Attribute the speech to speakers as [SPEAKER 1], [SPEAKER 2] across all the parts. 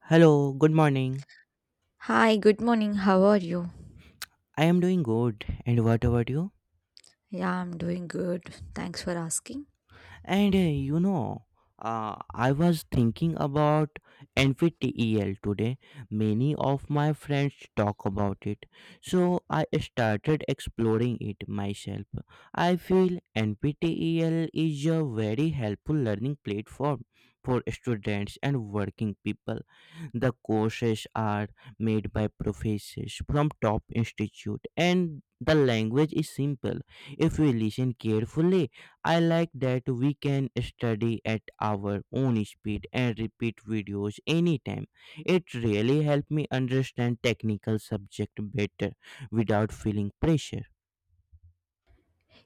[SPEAKER 1] Hello, good morning.
[SPEAKER 2] Hi, good morning. How are you?
[SPEAKER 1] I am doing good. And what about you?
[SPEAKER 2] Yeah, I'm doing good. Thanks for asking.
[SPEAKER 1] And uh, you know, I was thinking about NPTEL today. Many of my friends talk about it. So I started exploring it myself. I feel NPTEL is a very helpful learning platform for students and working people. The courses are made by professors from top institute and the language is simple if we listen carefully. I like that we can study at our own speed and repeat videos anytime. It really helped me understand technical subject better without feeling pressure.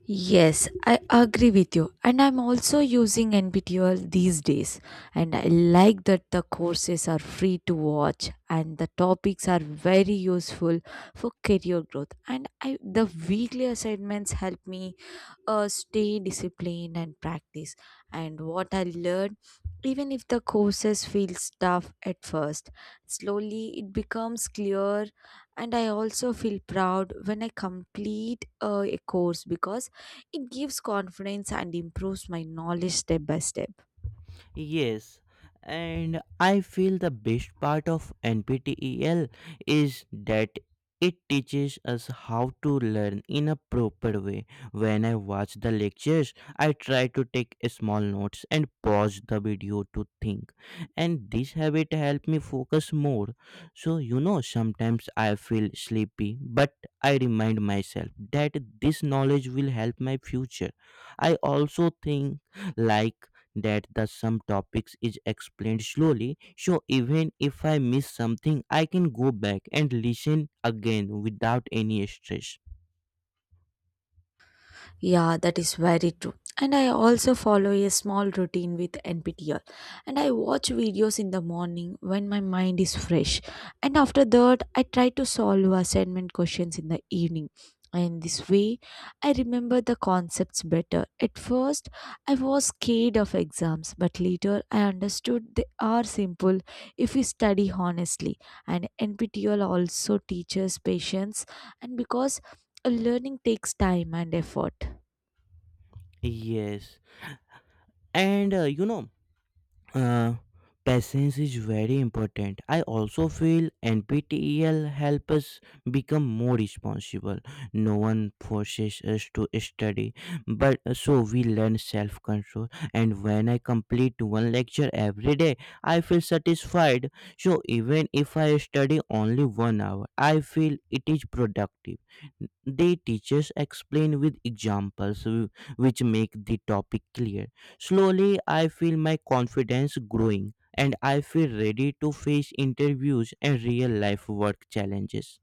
[SPEAKER 2] Yes, I agree with you. And I'm also using NPTEL these days. And I like that the courses are free to watch and the topics are very useful for career growth. And I, the weekly assignments help me stay disciplined and practice. And what I learned, even if the courses feels tough at first, slowly it becomes clear. And I also feel proud when I complete a course because it gives confidence and improves my knowledge step by step.
[SPEAKER 1] Yes, and I feel the best part of NPTEL is that it teaches us how to learn in a proper way. When I watch the lectures, I try to take a small notes and pause the video to think, and this habit helped me focus more. So, sometimes I feel sleepy, but I remind myself that this knowledge will help my future. I also think like that the some topics is explained slowly so even if I miss something I can go back and listen again without any stress.
[SPEAKER 2] Yeah, that is very true. And I also follow a small routine with NPTEL. And I watch videos in the morning when my mind is fresh. And after that, I try to solve assignment questions in the evening. And this way, I remember the concepts better. At first, I was scared of exams, but later I understood they are simple if we study honestly. And NPTEL also teaches patience, and because learning takes time and effort.
[SPEAKER 1] Yes and uh, you know Uh, Patience is very important. I also feel NPTEL helps us become more responsible. No one forces us to study, but so we learn self control. And when I complete one lecture every day, I feel satisfied. So even if I study only 1 hour, I feel it is productive. They teachers explain with examples, which make the topic clear. Slowly, I feel my confidence growing and I feel ready to face interviews and real life work challenges.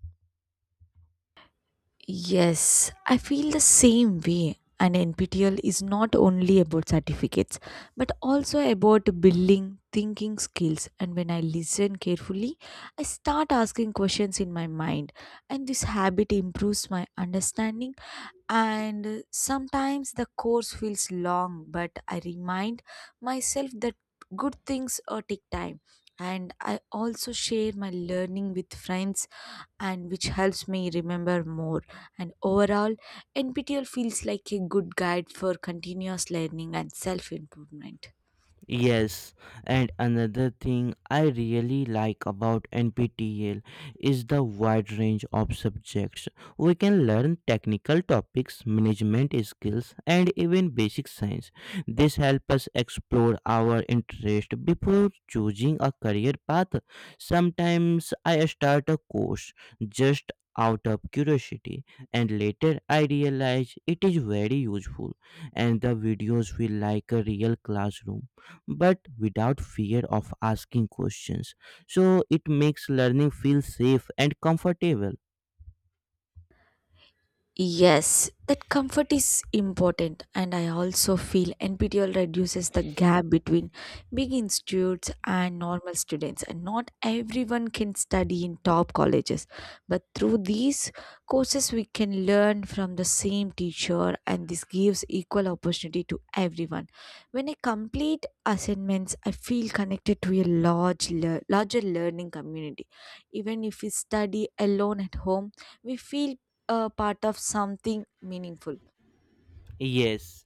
[SPEAKER 2] Yes, I feel the same way. And NPTL is not only about certificates, but also about building thinking skills. And when I listen carefully, I start asking questions in my mind. And this habit improves my understanding. And sometimes the course feels long, but I remind myself that good things take time. And I also share my learning with friends and which helps me remember more and overall, NPTEL feels like a good guide for continuous learning and self improvement.
[SPEAKER 1] Yes, and another thing I really like about NPTEL is the wide range of subjects. We can learn technical topics, management skills, and even basic science. This helps us explore our interest before choosing a career path. Sometimes I start a course just out of curiosity and later I realize it is very useful, and the videos feel like a real classroom but without fear of asking questions. So it makes learning feel safe and comfortable.
[SPEAKER 2] Yes, that comfort is important, and I also feel NPTEL reduces the gap between big institutes and normal students. And not everyone can study in top colleges, but through these courses, we can learn from the same teacher, and this gives equal opportunity to everyone. When I complete assignments, I feel connected to a large, larger learning community. Even if we study alone at home, we feel a part of something meaningful.
[SPEAKER 1] Yes,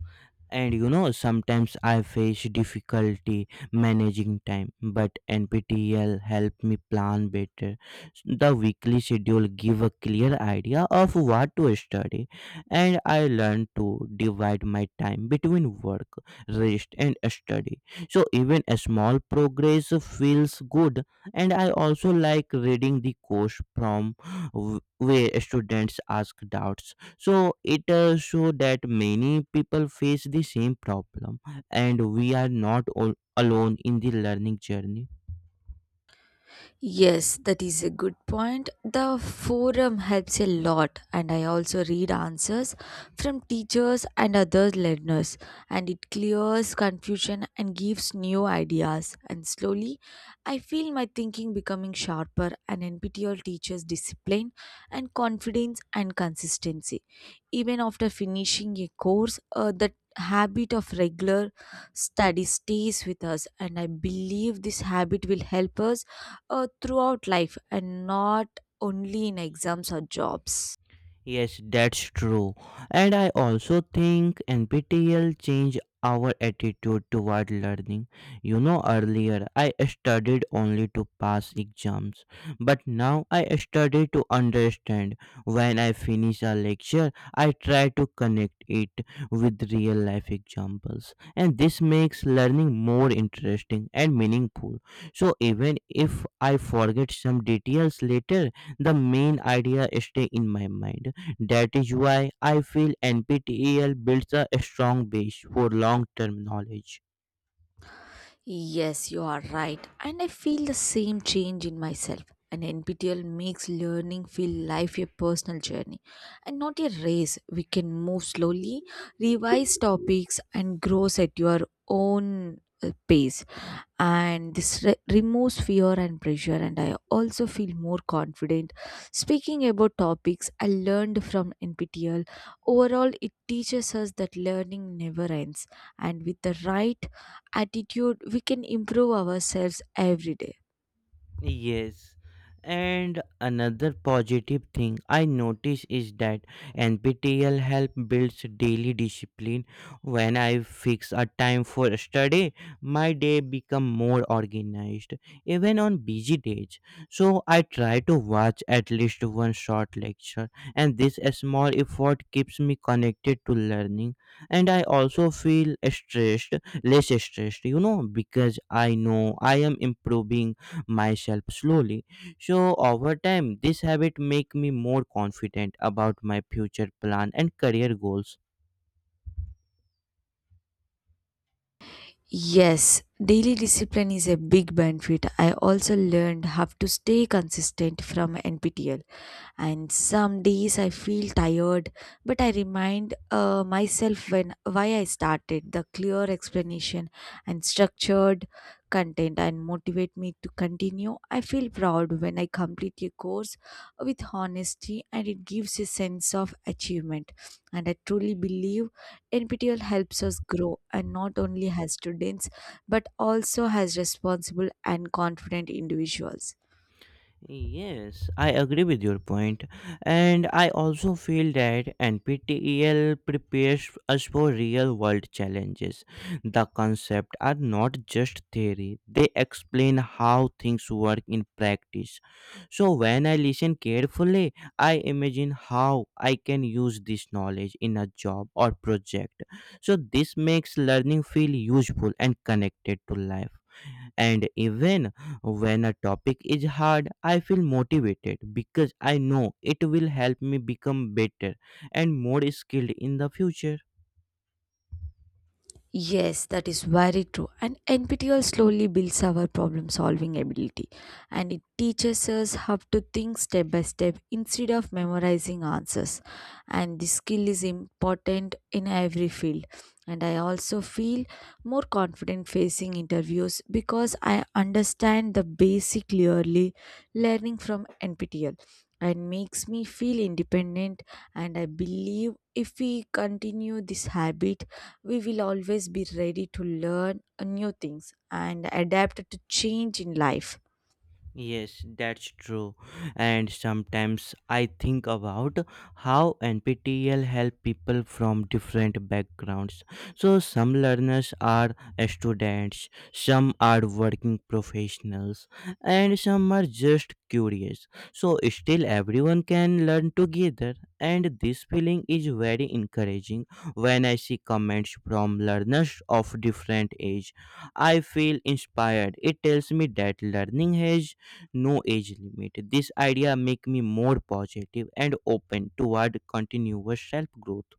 [SPEAKER 1] and sometimes I face difficulty managing time, but NPTEL help me plan better. The weekly schedule give a clear idea of what to study, and I learn to divide my time between work, rest, and study. So even a small progress feels good, and I also like reading the course from where students ask doubts, so it show that many people face the same problem and we are not all alone in the learning journey.
[SPEAKER 2] Yes, that is a good point. The forum helps a lot, and I also read answers from teachers and other learners, and it clears confusion and gives new ideas. And slowly, I feel my thinking becoming sharper, and NPTEL teaches discipline and confidence and consistency. Even after finishing a course, that habit of regular study stays with us, and I believe this habit will help us throughout life and not only in exams or jobs.
[SPEAKER 1] Yes, that's true. And I also think NPTEL changed our attitude toward learning. You know, earlier I studied only to pass exams, but now I study to understand. When I finish a lecture, I try to connect it with real life examples, and this makes learning more interesting and meaningful. So, even if I forget some details later, the main idea stay in my mind. That is why I feel NPTEL builds a strong base for long term knowledge.
[SPEAKER 2] Yes, you are right. And I feel the same change in myself. An NPTEL makes learning feel life a personal journey and not a race. We can move slowly, revise topics, and grow at your own pace. And this removes fear and pressure. And I also feel more confident speaking about topics I learned from NPTEL. Overall, it teaches us that learning never ends, and with the right attitude, we can improve ourselves every day.
[SPEAKER 1] Yes. And another positive thing I notice is that NPTEL help builds daily discipline. When I fix a time for study, my day become more organized, even on busy days. So I try to watch at least one short lecture, and this small effort keeps me connected to learning. And I also feel stressed, less stressed, you know, because I know I am improving myself slowly. So over time, this habit make me more confident about my future plan and career goals.
[SPEAKER 2] Yes, daily discipline is a big benefit. I also learned how to stay consistent from NPTEL. And some days I feel tired, but I remind myself when why I started the clear explanation and structured content and motivate me to continue. I feel proud when I complete a course with honesty and it gives a sense of achievement. And I truly believe NPTEL helps us grow and not only as students but also as responsible and confident individuals.
[SPEAKER 1] Yes, I agree with your point. And I also feel that NPTEL prepares us for real world challenges. The concepts are not just theory, they explain how things work in practice. So, when I listen carefully, I imagine how I can use this knowledge in a job or project. So, this makes learning feel useful and connected to life. And even when a topic is hard, I feel motivated because I know it will help me become better and more skilled in the future.
[SPEAKER 2] Yes, that is very true. And NPTEL slowly builds our problem solving ability and it teaches us how to think step by step instead of memorizing answers. And this skill is important in every field. And I also feel more confident facing interviews because I understand the basic clearly learning from NPTEL and makes me feel independent and I believe if we continue this habit we will always be ready to learn new things and adapt to change in life.
[SPEAKER 1] Yes, that's true. And sometimes I think about how NPTEL help people from different backgrounds. So some learners are students, some are working professionals, and some are just curious. So still everyone can learn together, and this feeling is very encouraging. When I see comments from learners of different age, I feel inspired. It tells me that learning has no age limit. This idea make me more positive and open toward continuous self growth.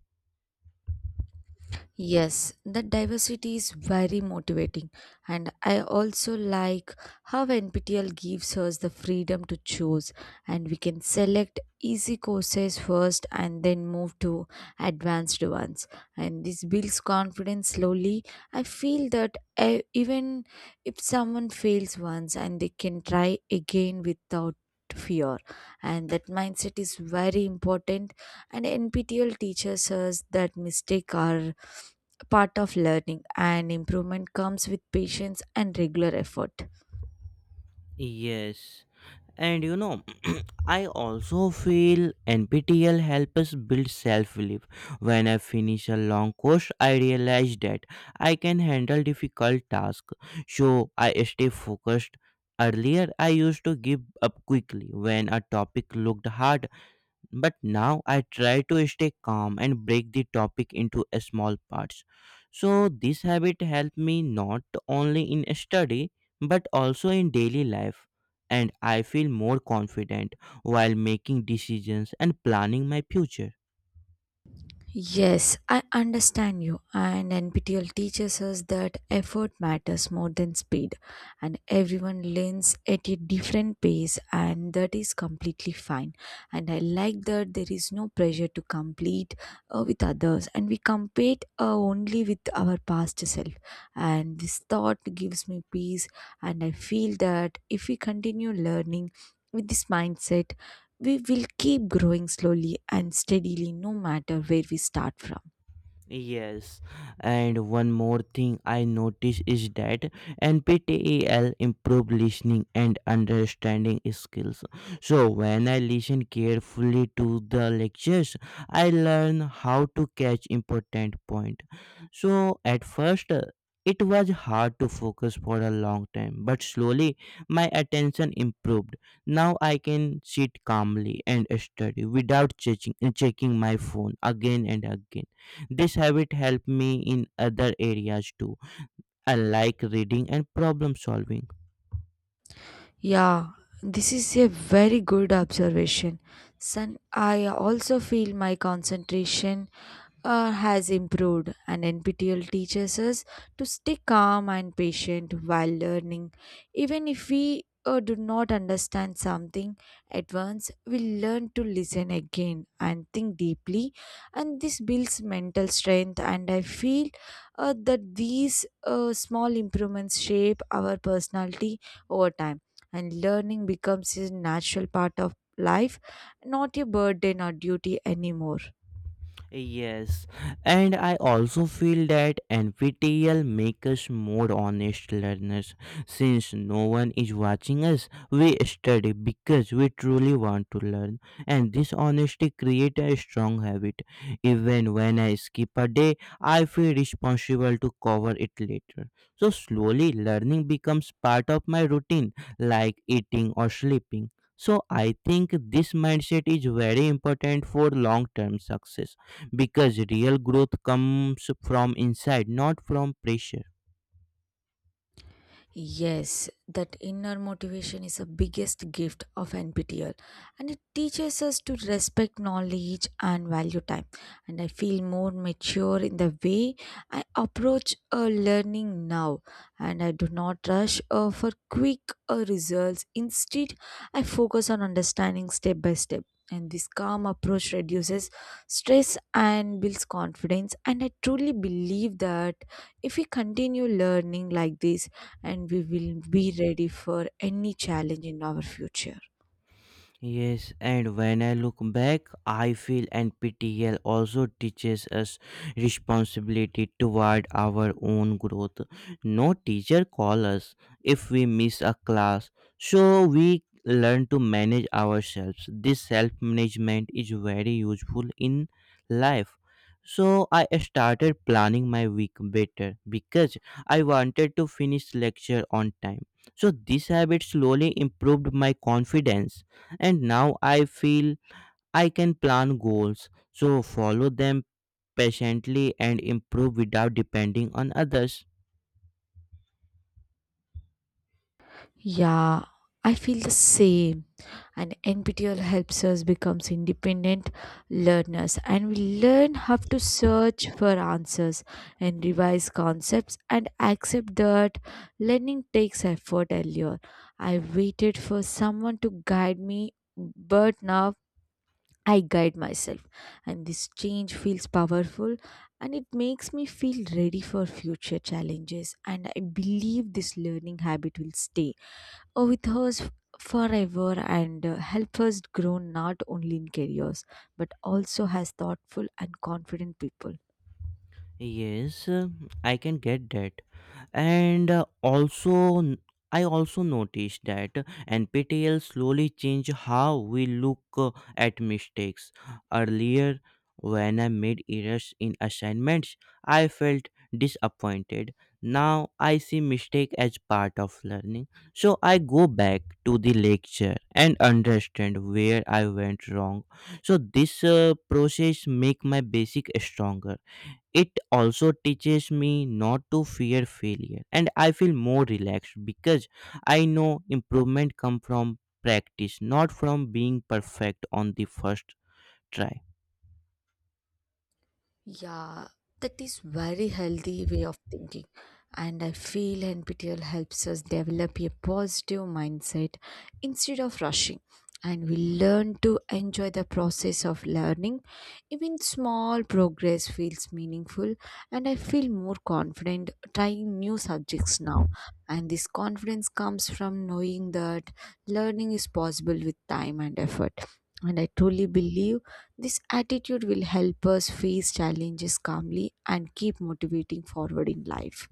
[SPEAKER 2] Yes, that diversity is very motivating, and I also like how NPTL gives us the freedom to choose, and we can select easy courses first and then move to advanced ones. And this builds confidence slowly. I feel that even if someone fails once and they can try again without fear and that mindset is very important and NPTEL teaches us that mistakes are part of learning and improvement comes with patience and regular effort.
[SPEAKER 1] Yes. And you know, I also feel NPTL helps us build self belief. When I finish a long course, I realize that I can handle difficult tasks, so I stay focused. Earlier, I used to give up quickly when a topic looked hard, but now I try to stay calm and break the topic into a small parts. So this habit helped me not only in study but also in daily life, and I feel more confident while making decisions and planning my future.
[SPEAKER 2] Yes, I understand you. And NPTEL teaches us that effort matters more than speed, and everyone learns at a different pace, and that is completely fine. And I like that there is no pressure to compete with others, and we compete only with our past self. And this thought gives me peace, and I feel that if we continue learning with this mindset, we will keep growing slowly and steadily no matter where we start from.
[SPEAKER 1] Yes, and one more thing I notice is that NPTEL improve listening and understanding skills. So when I listen carefully to the lectures, I learn how to catch important point. So at first it was hard to focus for a long time, but slowly my attention improved. Now I can sit calmly and study without checking my phone again and again. This habit helped me in other areas too, like reading and problem solving.
[SPEAKER 2] Yeah, this is a very good observation. Son, I also feel my concentration has improved, and NPTEL teaches us to stay calm and patient while learning. Even if we do not understand something at once, we learn to listen again and think deeply, and this builds mental strength. And I feel that these small improvements shape our personality over time, and learning becomes a natural part of life, not a burden or duty anymore.
[SPEAKER 1] Yes, and I also feel that NPTEL makes us more honest learners. Since no one is watching us, we study because we truly want to learn, and this honesty creates a strong habit. Even when I skip a day, I feel responsible to cover it later. So slowly, learning becomes part of my routine, like eating or sleeping. So I think this mindset is very important for long-term success because real growth comes from inside, not from pressure.
[SPEAKER 2] Yes, that inner motivation is the biggest gift of NPTEL and it teaches us to respect knowledge and value time. And I feel more mature in the way I approach learning now and I do not rush for quick results. Instead, I focus on understanding step by step. And this calm approach reduces stress and builds confidence. And I truly believe that if we continue learning like this, and we will be ready for any challenge in our future.
[SPEAKER 1] Yes, and when I look back, I feel NPTEL also teaches us responsibility toward our own growth. No teacher call us if we miss a class, so we learn to manage ourselves. This self management is very useful in life. So I started planning my week better because I wanted to finish lecture on time. So this habit slowly improved my confidence, and now I feel I can plan goals, so follow them patiently and improve without depending on others.
[SPEAKER 2] Yeah, I feel the same. And NPTEL helps us becomes independent learners and we learn how to search for answers and revise concepts and accept that learning takes effort earlier. I waited for someone to guide me but now I guide myself, and this change feels powerful and it makes me feel ready for future challenges. And I believe this learning habit will stay with us forever and help us grow not only in careers but also as thoughtful and confident people.
[SPEAKER 1] Yes, I can get that. and uh, also n- I also noticed that NPTEL slowly changed how we look at mistakes. Earlier, when I made errors in assignments, I felt disappointed. Now I see mistake as part of learning, so I go back to the lecture and understand where I went wrong. So this process make my basic stronger. It also teaches me not to fear failure, and I feel more relaxed because I know improvement comes from practice, not from being perfect on the first try.
[SPEAKER 2] Yeah, that is very healthy way of thinking. And I feel NPTEL helps us develop a positive mindset instead of rushing. And we learn to enjoy the process of learning. Even small progress feels meaningful, and I feel more confident trying new subjects now. And this confidence comes from knowing that learning is possible with time and effort. And I truly believe this attitude will help us face challenges calmly and keep motivating forward in life.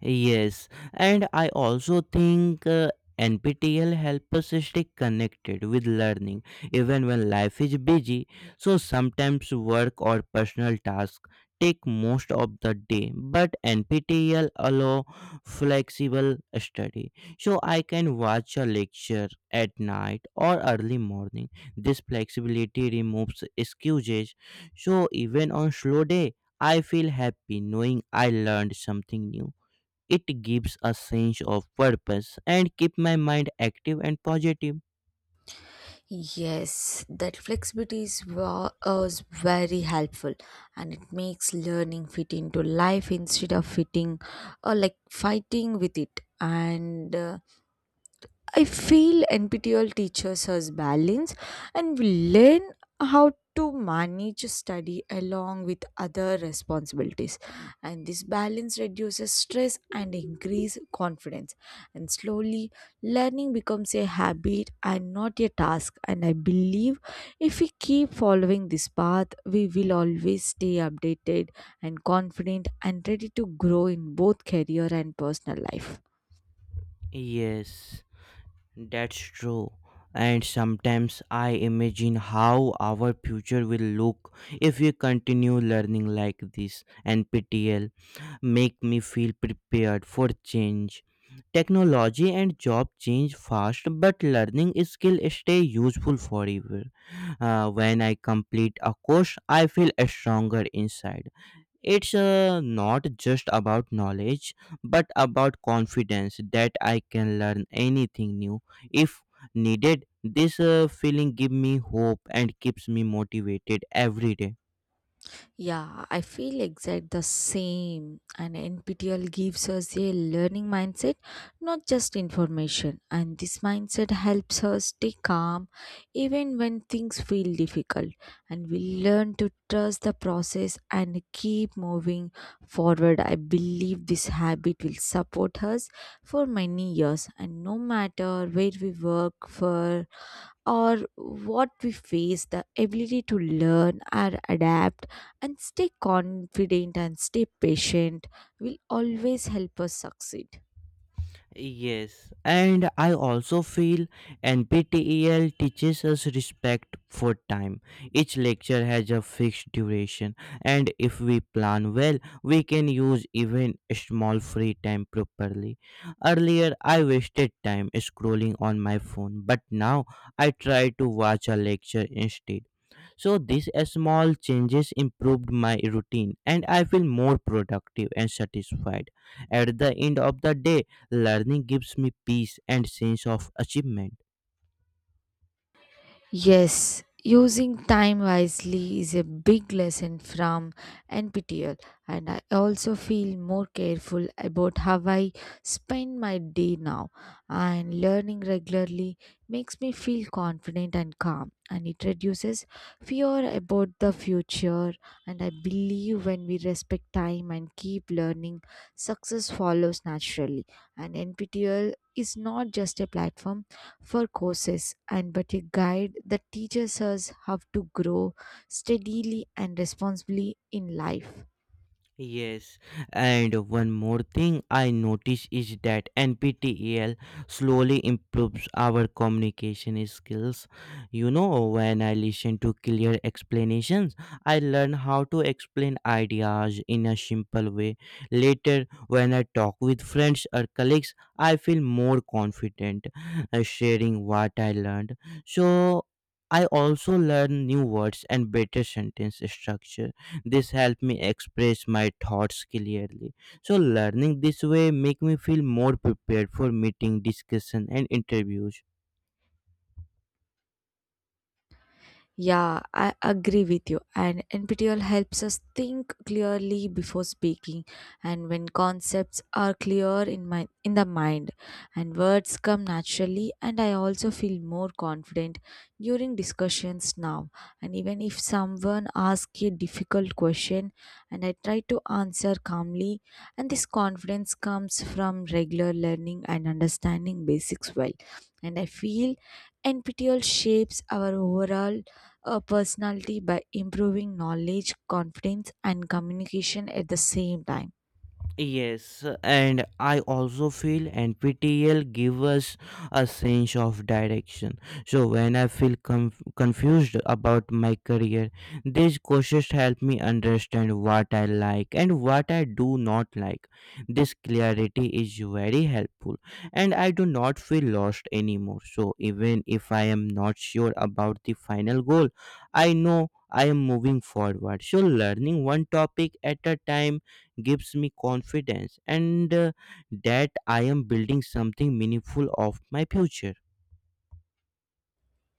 [SPEAKER 1] Yes, and I also think NPTEL helps us stay connected with learning even when life is busy. So sometimes work or personal tasks take most of the day, but NPTEL allow flexible study. So I can watch a lecture at night or early morning. This flexibility removes excuses. So even on slow day, I feel happy knowing I learned something new. It gives a sense of purpose and keep my mind active and positive.
[SPEAKER 2] Yes, that flexibility is very helpful and it makes learning fit into life instead of fitting or like fighting with it. And I feel NPTEL teaches us balance and we learn how to manage study along with other responsibilities and this balance reduces stress and increase confidence and slowly learning becomes a habit and not a task and I believe if we keep following this path we will always stay updated and confident and ready to grow in both career and personal life.
[SPEAKER 1] Yes, that's true. And sometimes I imagine how our future will look if we continue learning like this. And PTL make me feel prepared for change. Technology and job change fast, but learning skill stay useful forever. When I complete a course, I feel stronger inside. It's not just about knowledge, but about confidence that I can learn anything new if needed. This feeling gives me hope and keeps me motivated every day.
[SPEAKER 2] Yeah, I feel exact the same. And NPTEL gives us a learning mindset, not just information. And this mindset helps us stay calm even when things feel difficult. And we learn to trust the process and keep moving forward. I believe this habit will support us for many years. And no matter where we work for or what we face, the ability to learn and adapt and stay confident and stay patient will always help us succeed.
[SPEAKER 1] Yes, and I also feel NPTEL teaches us respect for time. Each lecture has a fixed duration, and if we plan well, we can use even small free time properly. Earlier, I wasted time scrolling on my phone, but now I try to watch a lecture instead. So these small changes improved my routine, and I feel more productive and satisfied. At the end of the day, learning gives me peace and sense of achievement.
[SPEAKER 2] Yes, using time wisely is a big lesson from NPTEL, and I also feel more careful about how I spend my day now. And learning regularly makes me feel confident and calm, and it reduces fear about the future. And I believe when we respect time and keep learning, success follows naturally. And NPTEL is not just a platform for courses and but a guide that teaches us how to grow steadily and responsibly in life.
[SPEAKER 1] Yes, and one more thing I notice is that NPTEL slowly improves our communication skills. You know, when I listen to clear explanations, I learn how to explain ideas in a simple way. Later, when I talk with friends or colleagues, I feel more confident sharing what I learned. So, I also learn new words and better sentence structure. This helped me express my thoughts clearly. So learning this way make me feel more prepared for meeting, discussion and interviews.
[SPEAKER 2] Yeah, I agree with you. And NPTEL helps us think clearly before speaking, and when concepts are clear in my in the mind, and words come naturally, and I also feel more confident during discussions now. And even if someone asks a difficult question, and I try to answer calmly, and this confidence comes from regular learning and understanding basics well. And I feel NPTEL shapes our overall a personality by improving knowledge, confidence, and communication at the same time.
[SPEAKER 1] Yes, and I also feel NPTEL give us a sense of direction. So when I feel confused about my career, these courses help me understand what I like and what I do not like. This clarity is very helpful, and I do not feel lost anymore. So even if I am not sure about the final goal, I know I am moving forward. So learning one topic at a time gives me confidence and that I am building something meaningful of my future.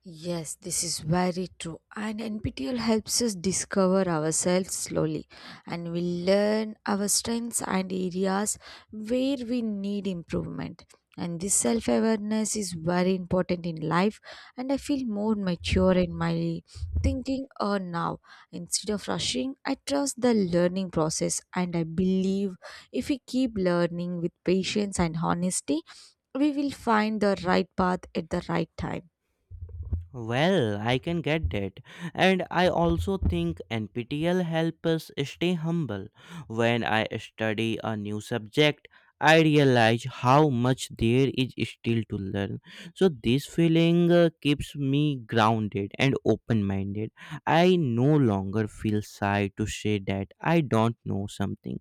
[SPEAKER 2] Yes, this is very true. And NPTEL helps us discover ourselves slowly and we learn our strengths and areas where we need improvement. And this self awareness is very important in life, and I feel more mature in my thinking or now. Instead of rushing, I trust the learning process, and I believe if we keep learning with patience and honesty, we will find the right path at the right time.
[SPEAKER 1] Well, I can get that. And I also think NPTL helps us stay humble. When I study a new subject, I realize how much there is still to learn. So, this feeling keeps me grounded and open minded. I no longer feel shy to say that I don't know something.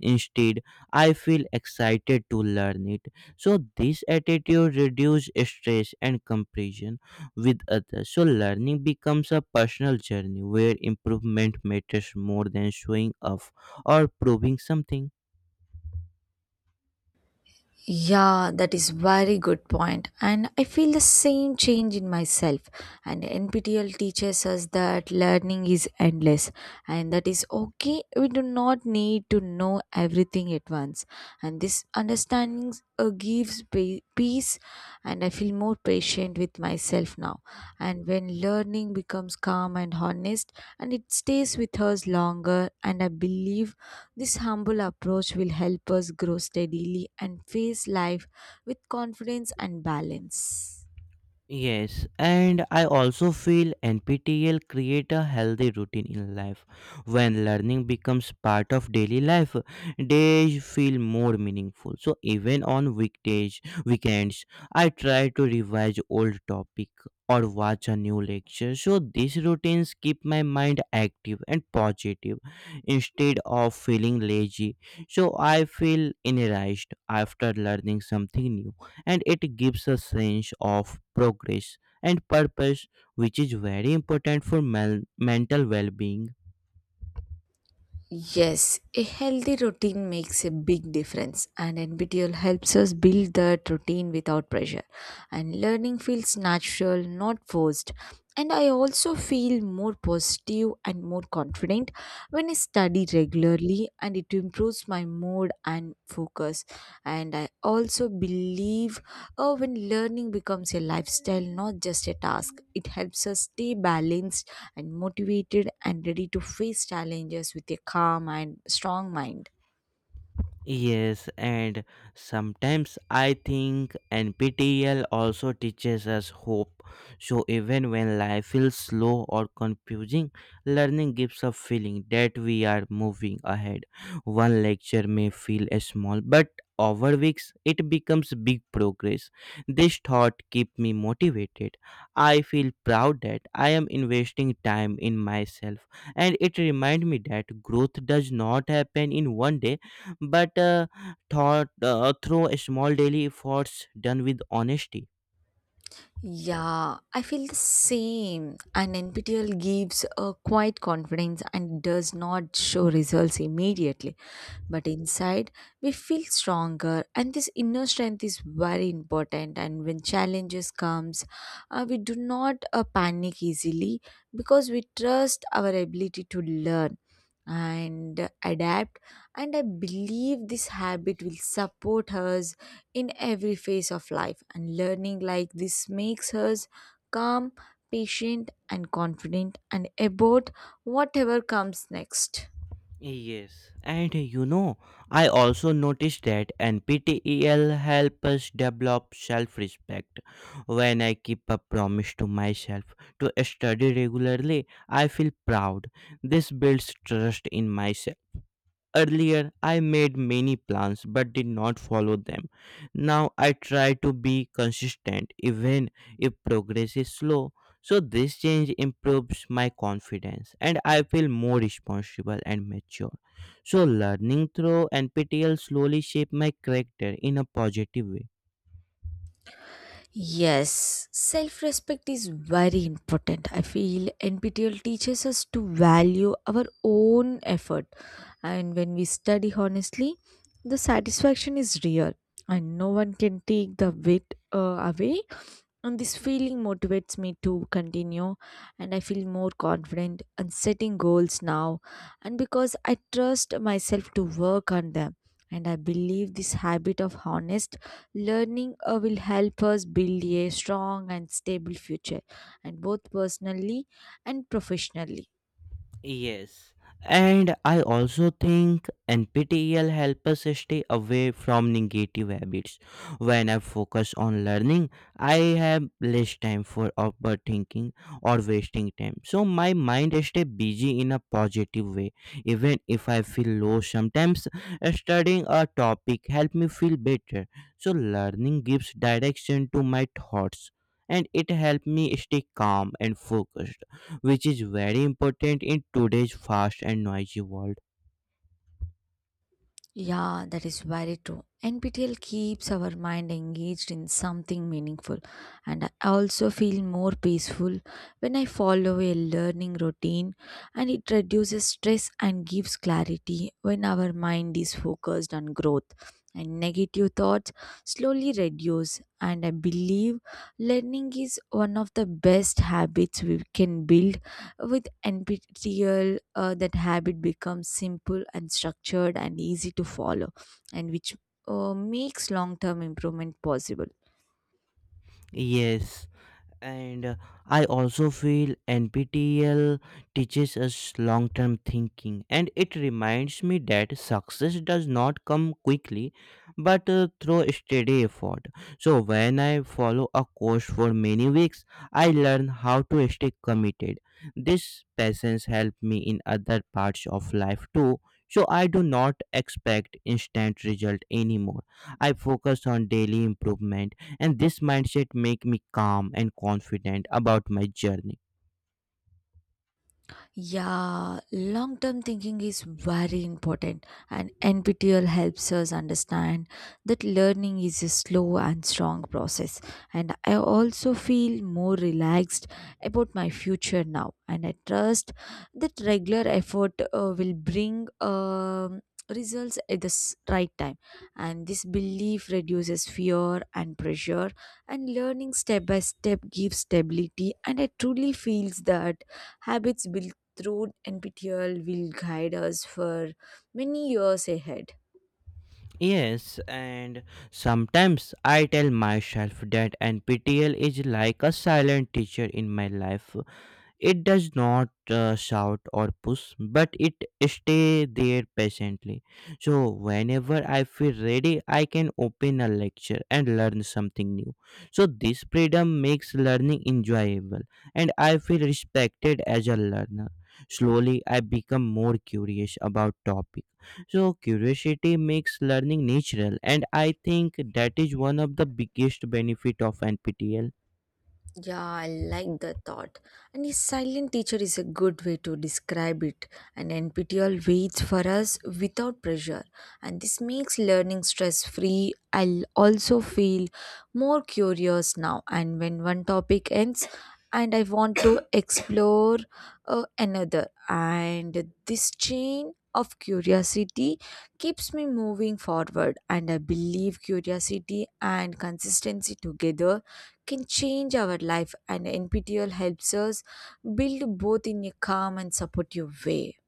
[SPEAKER 1] Instead, I feel excited to learn it. So this attitude reduces stress and comparison with others. So learning becomes a personal journey where improvement matters more than showing off or proving something.
[SPEAKER 2] Yeah, that is very good point. And I feel the same change in myself. And NPTEL teaches us that learning is endless and that is okay. We do not need to know everything at once. And this understanding gives peace and I feel more patient with myself now. And when learning becomes calm and honest and it stays with us longer and I believe this humble approach will help us grow steadily and face life with confidence and balance.
[SPEAKER 1] Yes, and I also feel NPTEL create a healthy routine in life. When learning becomes part of daily life, days feel more meaningful. So even on weekdays, weekends, I try to revise old topic or watch a new lecture. So these routines keep my mind active and positive instead of feeling lazy. So I feel energized after learning something new and it gives a sense of progress and purpose, which is very important for mental well being.
[SPEAKER 2] Yes, a healthy routine makes a big difference, and NBTL helps us build that routine without pressure. And learning feels natural, not forced. And I also feel more positive and more confident when I study regularly, and it improves my mood and focus. And I also believe oh, when learning becomes a lifestyle, not just a task, it helps us stay balanced and motivated and ready to face challenges with a calm and strong mind.
[SPEAKER 1] Yes, and sometimes I think NPTEL also teaches us hope. So even when life feels slow or confusing, learning gives a feeling that we are moving ahead. One lecture may feel small, but over weeks it becomes big progress. This thought keep me motivated. I feel proud that I am investing time in myself and it remind me that growth does not happen in one day but thought through small daily efforts done with honesty.
[SPEAKER 2] Yeah, I feel the same. And NPTEL gives a quiet confidence and does not show results immediately. But inside, we feel stronger, and this inner strength is very important. And when challenges comes, we do not panic easily because we trust our ability to learn and adapt. And I believe this habit will support us in every phase of life and learning like this makes us calm, patient and confident and about whatever comes next.
[SPEAKER 1] Yes, and I also noticed that NPTEL helps us develop self respect. When I keep a promise to myself to study regularly, I feel proud. This builds trust in myself. Earlier, I made many plans but did not follow them. Now, I try to be consistent even if progress is slow. So, this change improves my confidence and I feel more responsible and mature. So, learning through NPTL slowly shaped my character in a positive way.
[SPEAKER 2] Yes, self respect is very important. I feel NPTL teaches us to value our own effort, and when we study honestly, the satisfaction is real, and no one can take the weight away. And this feeling motivates me to continue, and I feel more confident and setting goals now. And because I trust myself to work on them, and I believe this habit of honest learning will help us build a strong and stable future, and both personally and professionally.
[SPEAKER 1] Yes. And I also think NPTEL helps us stay away from negative habits. When I focus on learning, I have less time for overthinking or wasting time. So my mind stays busy in a positive way. Even if I feel low sometimes, studying a topic helps me feel better. So learning gives direction to my thoughts and it helps me stay calm and focused which is very important in today's fast and noisy world.
[SPEAKER 2] Yeah, that is very true. NPTL keeps our mind engaged in something meaningful, and I also feel more peaceful when I follow a learning routine and it reduces stress and gives clarity when our mind is focused on growth. And negative thoughts slowly reduce, and I believe learning is one of the best habits we can build with NPTEL, that habit becomes simple and structured and easy to follow, and which makes long term improvement possible.
[SPEAKER 1] Yes, and I also feel nptel teaches us long term thinking and it reminds me that success does not come quickly but through steady effort so when I follow a course for many weeks I learn how to stay committed this patience helped me in other parts of life too so I do not expect instant result anymore I focus on daily improvement and this mindset make me calm and confident about my journey
[SPEAKER 2] Yeah, long term thinking is very important, and NPTEL helps us understand that learning is a slow and strong process. And I also feel more relaxed about my future now, and I trust that regular effort will bring results at the right time. And this belief reduces fear and pressure, and learning step by step gives stability. And I truly feels that habits built through NPTEL will guide us for many years ahead.
[SPEAKER 1] yes and sometimes I tell myself that NPTEL is like a silent teacher in my life. It does not shout or push, but it stay there patiently. So whenever I feel ready, I can open a lecture and learn something new. So this freedom makes learning enjoyable, and I feel respected as a learner. Slowly, I become more curious about topic. So curiosity makes learning natural, and I think that is one of the biggest benefit of NPTEL.
[SPEAKER 2] Yeah, I like the thought. And a silent teacher is a good way to describe it. An NPTL waits for us without pressure, and this makes learning stress free. I'll also feel more curious now. And when one topic ends, and I want to explore another, and this chain of curiosity keeps me moving forward and I believe curiosity and consistency together can change our life, and NPTEL helps us build both in a calm and supportive way.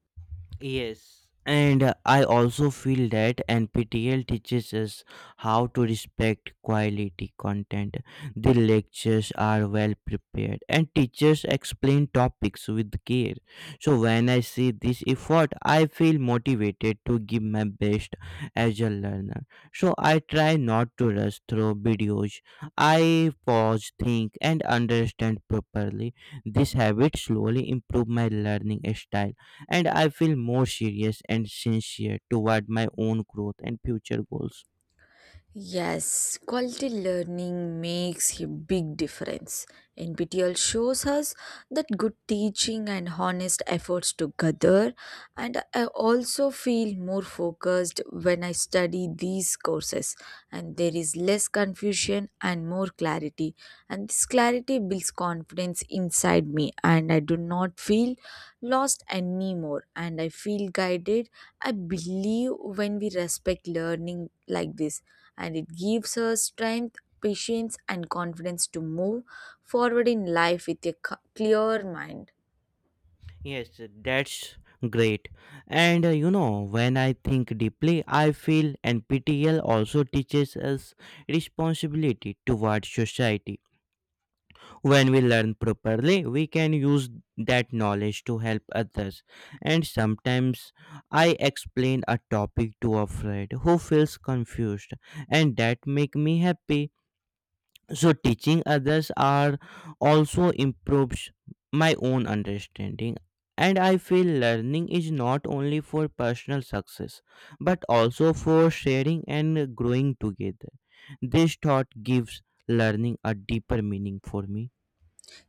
[SPEAKER 1] Yes. And I also feel that NPTEL teaches us how to respect quality content. The lectures are well prepared and teachers explain topics with care. So when I see this effort, I feel motivated to give my best as a learner. So I try not to rush through videos. I pause, think and understand properly. This habit slowly improve my learning style and I feel more serious and sincere toward my own growth and future goals.
[SPEAKER 2] Yes, quality learning makes a big difference. NPTEL shows us that good teaching and honest efforts together, and I also feel more focused when I study these courses, and there is less confusion and more clarity. And this clarity builds confidence inside me, and I do not feel lost anymore, and I feel guided. I believe when we respect learning like this and it gives us strength, patience, and confidence to move forward in life with a clear mind.
[SPEAKER 1] Yes, that's great. And when I think deeply, I feel NPTEL also teaches us responsibility toward society. When we learn properly, we can use that knowledge to help others. And sometimes I explain a topic to a friend who feels confused, and that make me happy. So teaching others are also improves my own understanding and I feel learning is not only for personal success but also for sharing and growing together. This thought gives learning a deeper meaning for me.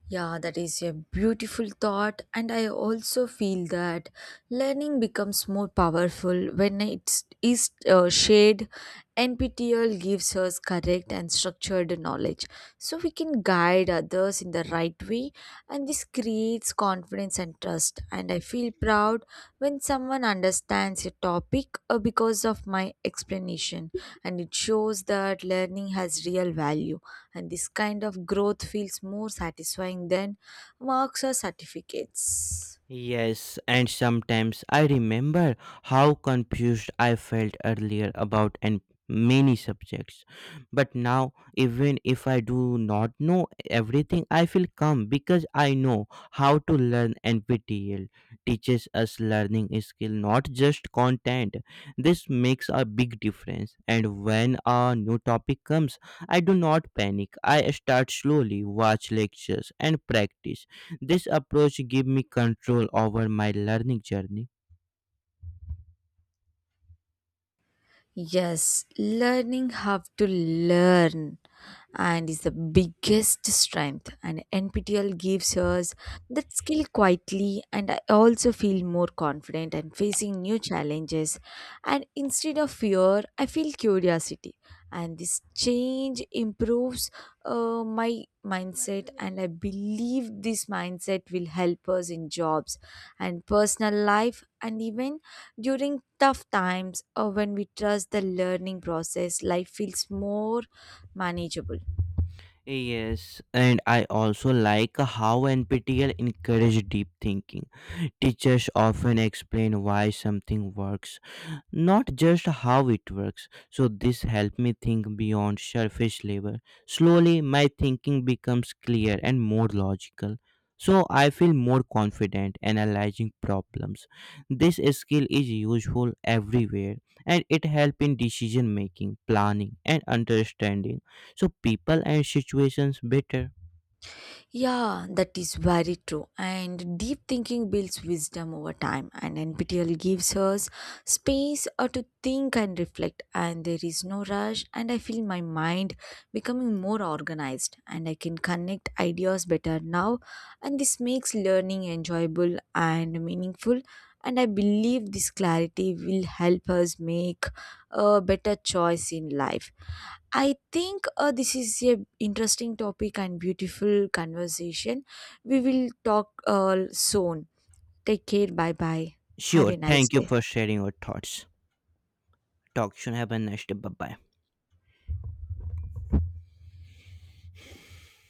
[SPEAKER 2] Yeah, that is a beautiful thought, and I also feel that learning becomes more powerful when it is shared. NPTL gives us correct and structured knowledge, so we can guide others in the right way, and this creates confidence and trust. And I feel proud when someone understands a topic because of my explanation, and it shows that learning has real value and this kind of growth feels more satisfying than marks or certificates.
[SPEAKER 1] Yes, and sometimes I remember how confused I felt earlier about and many subjects. But now, even if I do not know everything, I feel calm because I know how to learn. NPTEL teaches us learning skill, not just content. This makes a big difference. And when a new topic comes, I do not panic. I start slowly, watch lectures, and practice this approach gave me control over my learning journey.
[SPEAKER 2] Yes, learning how to learn and is the biggest strength and NPTL gives us that skill quietly and I also feel more confident and facing new challenges and instead of fear I feel curiosity and this change improves my mindset and I believe this mindset will help us in jobs and personal life and even during tough times or when we trust the learning process, life feels more manageable.
[SPEAKER 1] Yes, and I also like how NPTEL encouraged deep thinking. Teachers often explain why something works not just how it works. So this helped me think beyond surface level. Slowly, my thinking becomes clear and more logical. So I feel more confident analyzing problems. This skill is useful everywhere and it helps in decision making, planning and understanding. So people and situations better.
[SPEAKER 2] Yeah, that is very true. And deep thinking builds wisdom over time, and NPTEL gives us space to think and reflect. And there is no rush, and I feel my mind becoming more organized, and I can connect ideas better now. And this makes learning enjoyable and meaningful. And I believe this clarity will help us make a better choice in life. I think this is a interesting topic and beautiful conversation. We will talk soon. Take care. Bye bye. Have
[SPEAKER 1] Sure,
[SPEAKER 2] a nice
[SPEAKER 1] thank you
[SPEAKER 2] day.
[SPEAKER 1] for sharing your thoughts. Talk soon. Have a nice day. Bye bye.